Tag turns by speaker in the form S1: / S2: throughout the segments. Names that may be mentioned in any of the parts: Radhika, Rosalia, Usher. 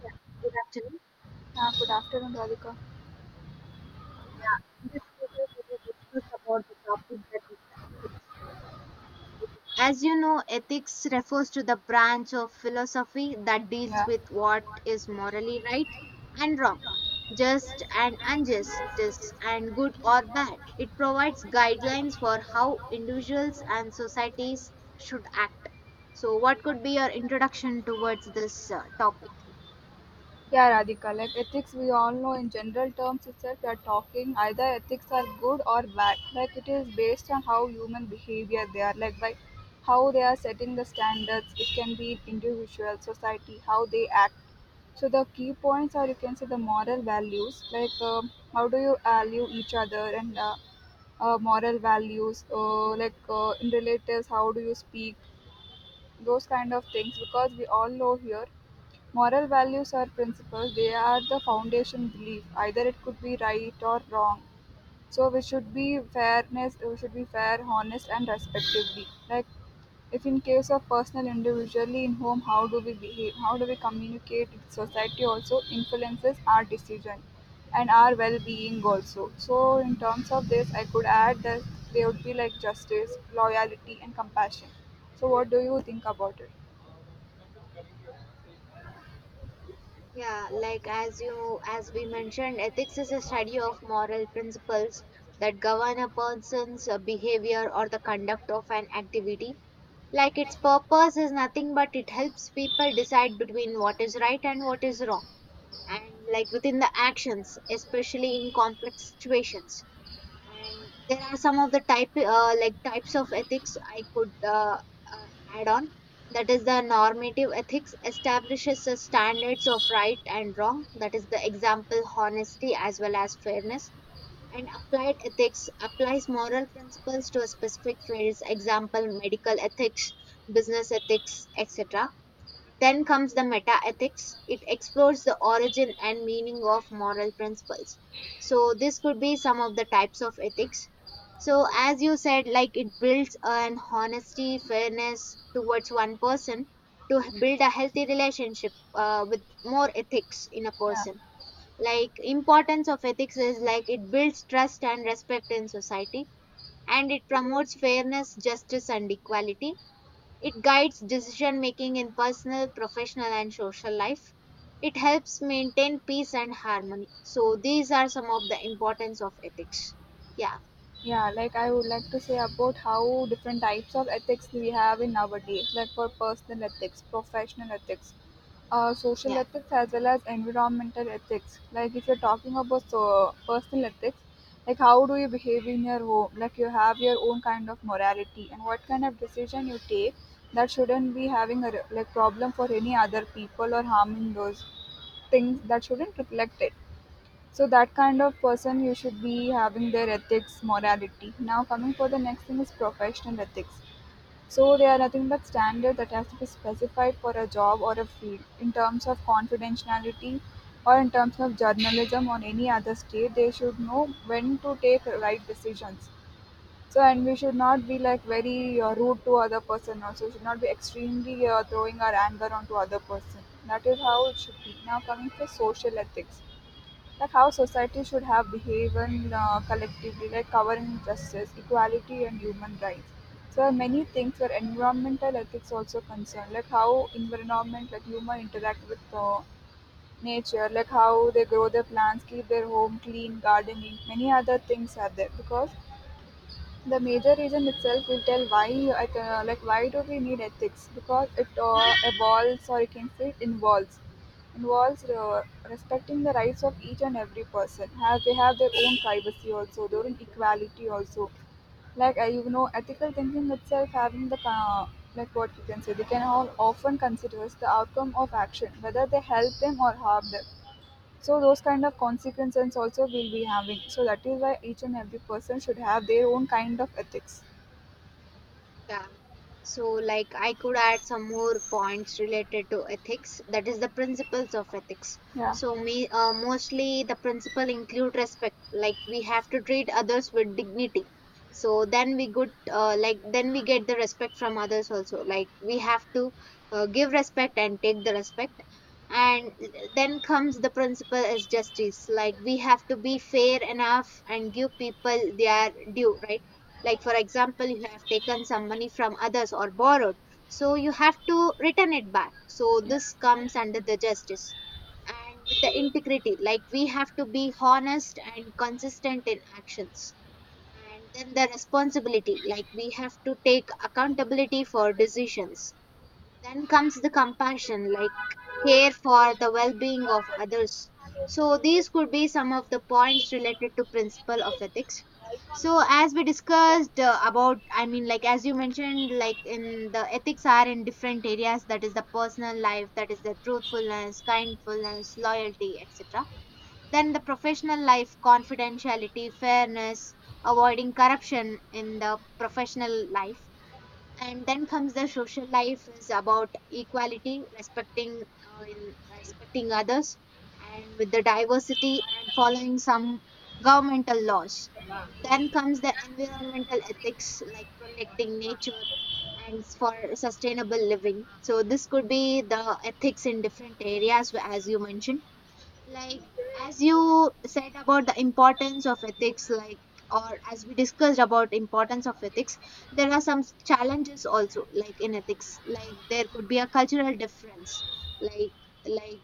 S1: Yeah, good afternoon.
S2: Yeah, good afternoon, Radhika.
S1: Yeah, in this video, we will discuss about the topic that is the ethics. As you know, ethics refers to the branch of philosophy that deals
S2: Yeah,
S1: with what is morally right and wrong, just and unjust, and good or bad. It provides guidelines for how individuals and societies should act. So, what could be your introduction towards this topic?
S2: yeah, Radhika. Like ethics, we all know in general terms itself, we are talking either ethics are good or bad. Like it is based on how human behavior they are, like by how they are setting the standards. It can be individual, society, how they act. So the key points are you can say the moral values, like how do you value each other and moral values, like in relatives, how do you speak, those kind of things. Because we all know here moral values are principles, they are the foundation belief. Either it could be right or wrong. So we should be fairness, we should be fair, honest and respectively. Like if in case of personal individually in home how do we behave, how do we communicate with society also influences our decision and our well being also. So in terms of this I could add that they would be like justice, loyalty and compassion. So what do you think about it?
S1: Yeah, like as we mentioned, ethics is a study of moral principles that govern a person's behavior or the conduct of an activity. Like its purpose is nothing but it helps people decide between what is right and what is wrong. And like within the actions, especially in complex situations, and there are some of the type like types of ethics I could uh, add on. That is the normative ethics establishes the standards of right and wrong, that is the example honesty as well as fairness, and applied ethics applies moral principles to a specific fields, example medical ethics, business ethics, etc. Then comes the meta-ethics. It explores the origin and meaning of moral principles. So this could be some of the types of ethics. So as you said, like it builds an honesty, fairness towards one person to build a healthy relationship with more ethics in a
S2: Yeah.
S1: person. Like importance of ethics is like it builds trust and respect in society, and it promotes fairness, justice and equality. It guides decision making in personal, professional, and social life. It helps maintain peace and harmony. So these are some of the importance of ethics. Yeah.
S2: Yeah, like I would like to say about how different types of ethics we have in our day, like for personal ethics, professional ethics, social
S1: Yeah.
S2: ethics, as well as environmental ethics. Like if you're talking about so personal ethics, like how do you behave in your home? Like you have your own kind of morality, and what kind of decision you take that shouldn't be having a like problem for any other people or harming those things that shouldn't reflect it. So that kind of person you should be having their ethics, morality. Now coming for the next thing is professional ethics. So they are nothing but standard that has to be specified for a job or a field in terms of confidentiality or in terms of journalism or any other state they should know when to take right decisions so and we should not be like very rude to other person also should not be extremely throwing our anger onto other person. That is how it should be. Now coming to social ethics, like how society should have behaved collectively, like covering justice, equality, and human rights. So many things where environmental ethics also concerned, like how environment, like human interact with nature, like how they grow their plants, keep their home clean, gardening, many other things are there because the major reason itself will tell why like why do we need ethics because it evolves or you can say it involves involves respecting the rights of each and every person have they have their own privacy also their own equality also like you know ethical thinking itself having the like what you can say they can all often considers the outcome of action whether they help them or harm them so those kind of consequences also will be having. So that is why each and every person should have their own kind of ethics.
S1: Yeah. So, like, I could add some more points related to ethics, that is the principles of ethics.
S2: Yeah.
S1: So, mostly the principle include respect, like we have to treat others with dignity. So then we like then we get the respect from others also. Like we have to give respect and take the respect. And then comes the principle as justice. Like we have to be fair enough and give people their due, right? Like for example you have taken some money from others or borrowed, so you have to return it back. So this comes under the justice. And with the integrity, like we have to be honest and consistent in actions, and then the responsibility, like we have to take accountability for decisions. Then comes the compassion, like care for the well-being of others. So these could be some of the points related to principle of ethics. So as we discussed about, I mean like as you mentioned, like in the ethics are in different areas, that is the personal life, that is the truthfulness, kindfulness, loyalty, etc. Then the professional life, confidentiality, fairness, avoiding corruption in the professional life. And then comes the social life is about equality, respecting in respecting others and with the diversity, and following some governmental laws. Then comes the environmental ethics, like protecting nature and for sustainable living. So this could be the ethics in different areas, as you mentioned. Like as you said about the importance of ethics, like or as we discussed about importance of ethics, there are some challenges also, like in ethics. Like there could be a cultural difference. like like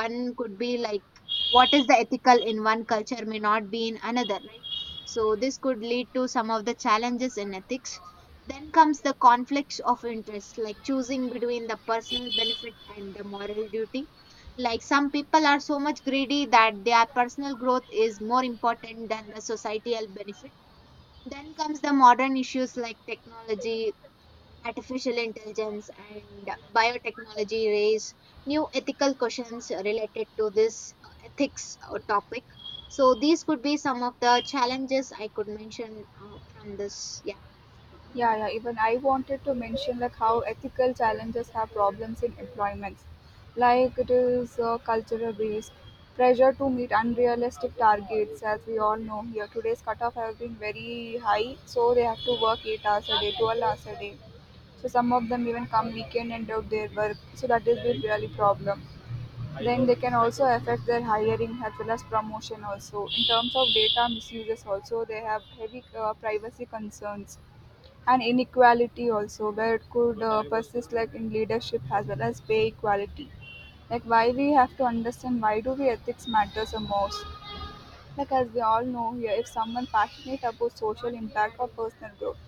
S1: One could be, like, what is the ethical in one culture may not be in another, right? So this could lead to some of the challenges in ethics. Then comes the conflicts of interest, like choosing between the personal benefit and the moral duty. Like some people are so much greedy that their personal growth is more important than the societal benefit. Then comes the modern issues like technology, artificial intelligence, and biotechnology raise new ethical questions related to this ethics topic. So these could be some of the challenges I could mention from this. Yeah.
S2: Yeah, yeah. Even I wanted to mention like how ethical challenges have problems in employments, like it is cultural based pressure to meet unrealistic targets. As we all know here, today's cutoff have been very high, so they have to work 8 hours a day, 12 hours a day. So some of them even come weekend and do their work. So that is has been really problem. Then they can also affect their hiring as well as promotion also. In terms of data misuses also, they have heavy privacy concerns and inequality also where it could persist like in leadership as well as pay equality. Like why we have to understand why do the ethics matters the most. Like as we all know here, if someone passionate about social impact or personal growth,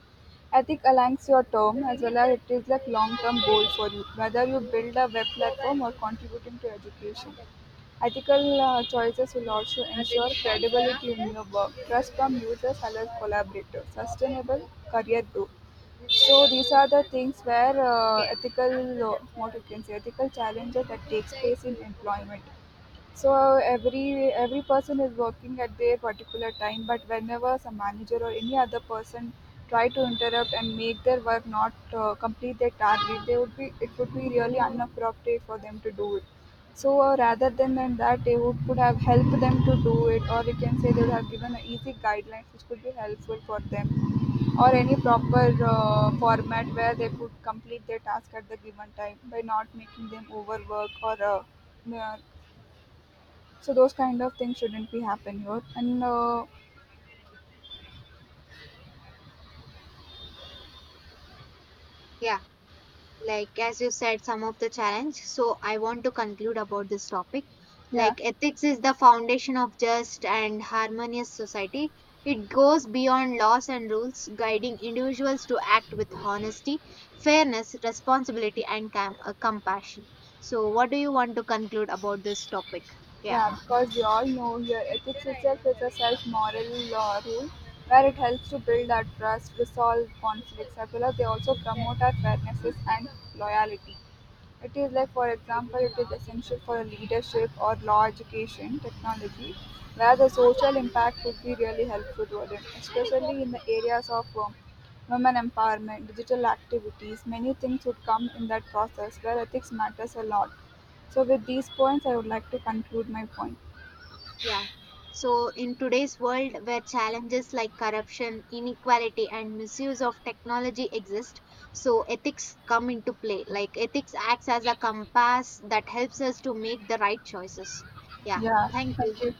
S2: ethic aligns your term as well as it is like long-term goal for you. Whether you build a web platform or contributing to education, ethical choices will also ensure credibility in your work, trust from users as well as collaborators, sustainable career growth. So these are the things where ethical, what you can say, ethical challenges that takes place in employment so every person is working at their particular time but whenever some manager or any other person try to interrupt and make their work not complete their target they would be it would be really inappropriate for them to do it so rather than, that they would, could have helped them to do it or you can say they would have given a easy guidelines which could be helpful for them or any proper format where they could complete their task at the given time by not making them overwork or uh, so those kind of things shouldn't be happen here. And
S1: Yeah. Like as you said some of the challenge, so I want to conclude about this topic.
S2: yeah.
S1: Like ethics is the foundation of just and harmonious society. It goes beyond laws and rules, guiding individuals to act with honesty, fairness, responsibility and compassion. So what do you want to conclude about this topic? Yeah.
S2: Yeah, because we all know here ethics itself is a self moral rule where it helps to build our trust, resolve conflicts, as well as they also promote our fairnesses and loyalty. It is like, for example, it is essential for leadership or law education technology where the social impact would be really helpful to them, especially in the areas of women empowerment, digital activities. Many things would come in that process where ethics matters a lot so with these points, I would like to conclude my point.
S1: Yeah. So, in today's world where challenges like corruption, inequality, and misuse of technology exist, so ethics come into play. Like, ethics acts as a compass that helps us to make the right choices. Yeah.
S2: Yeah,
S1: Thank
S2: thank
S1: you.
S2: you.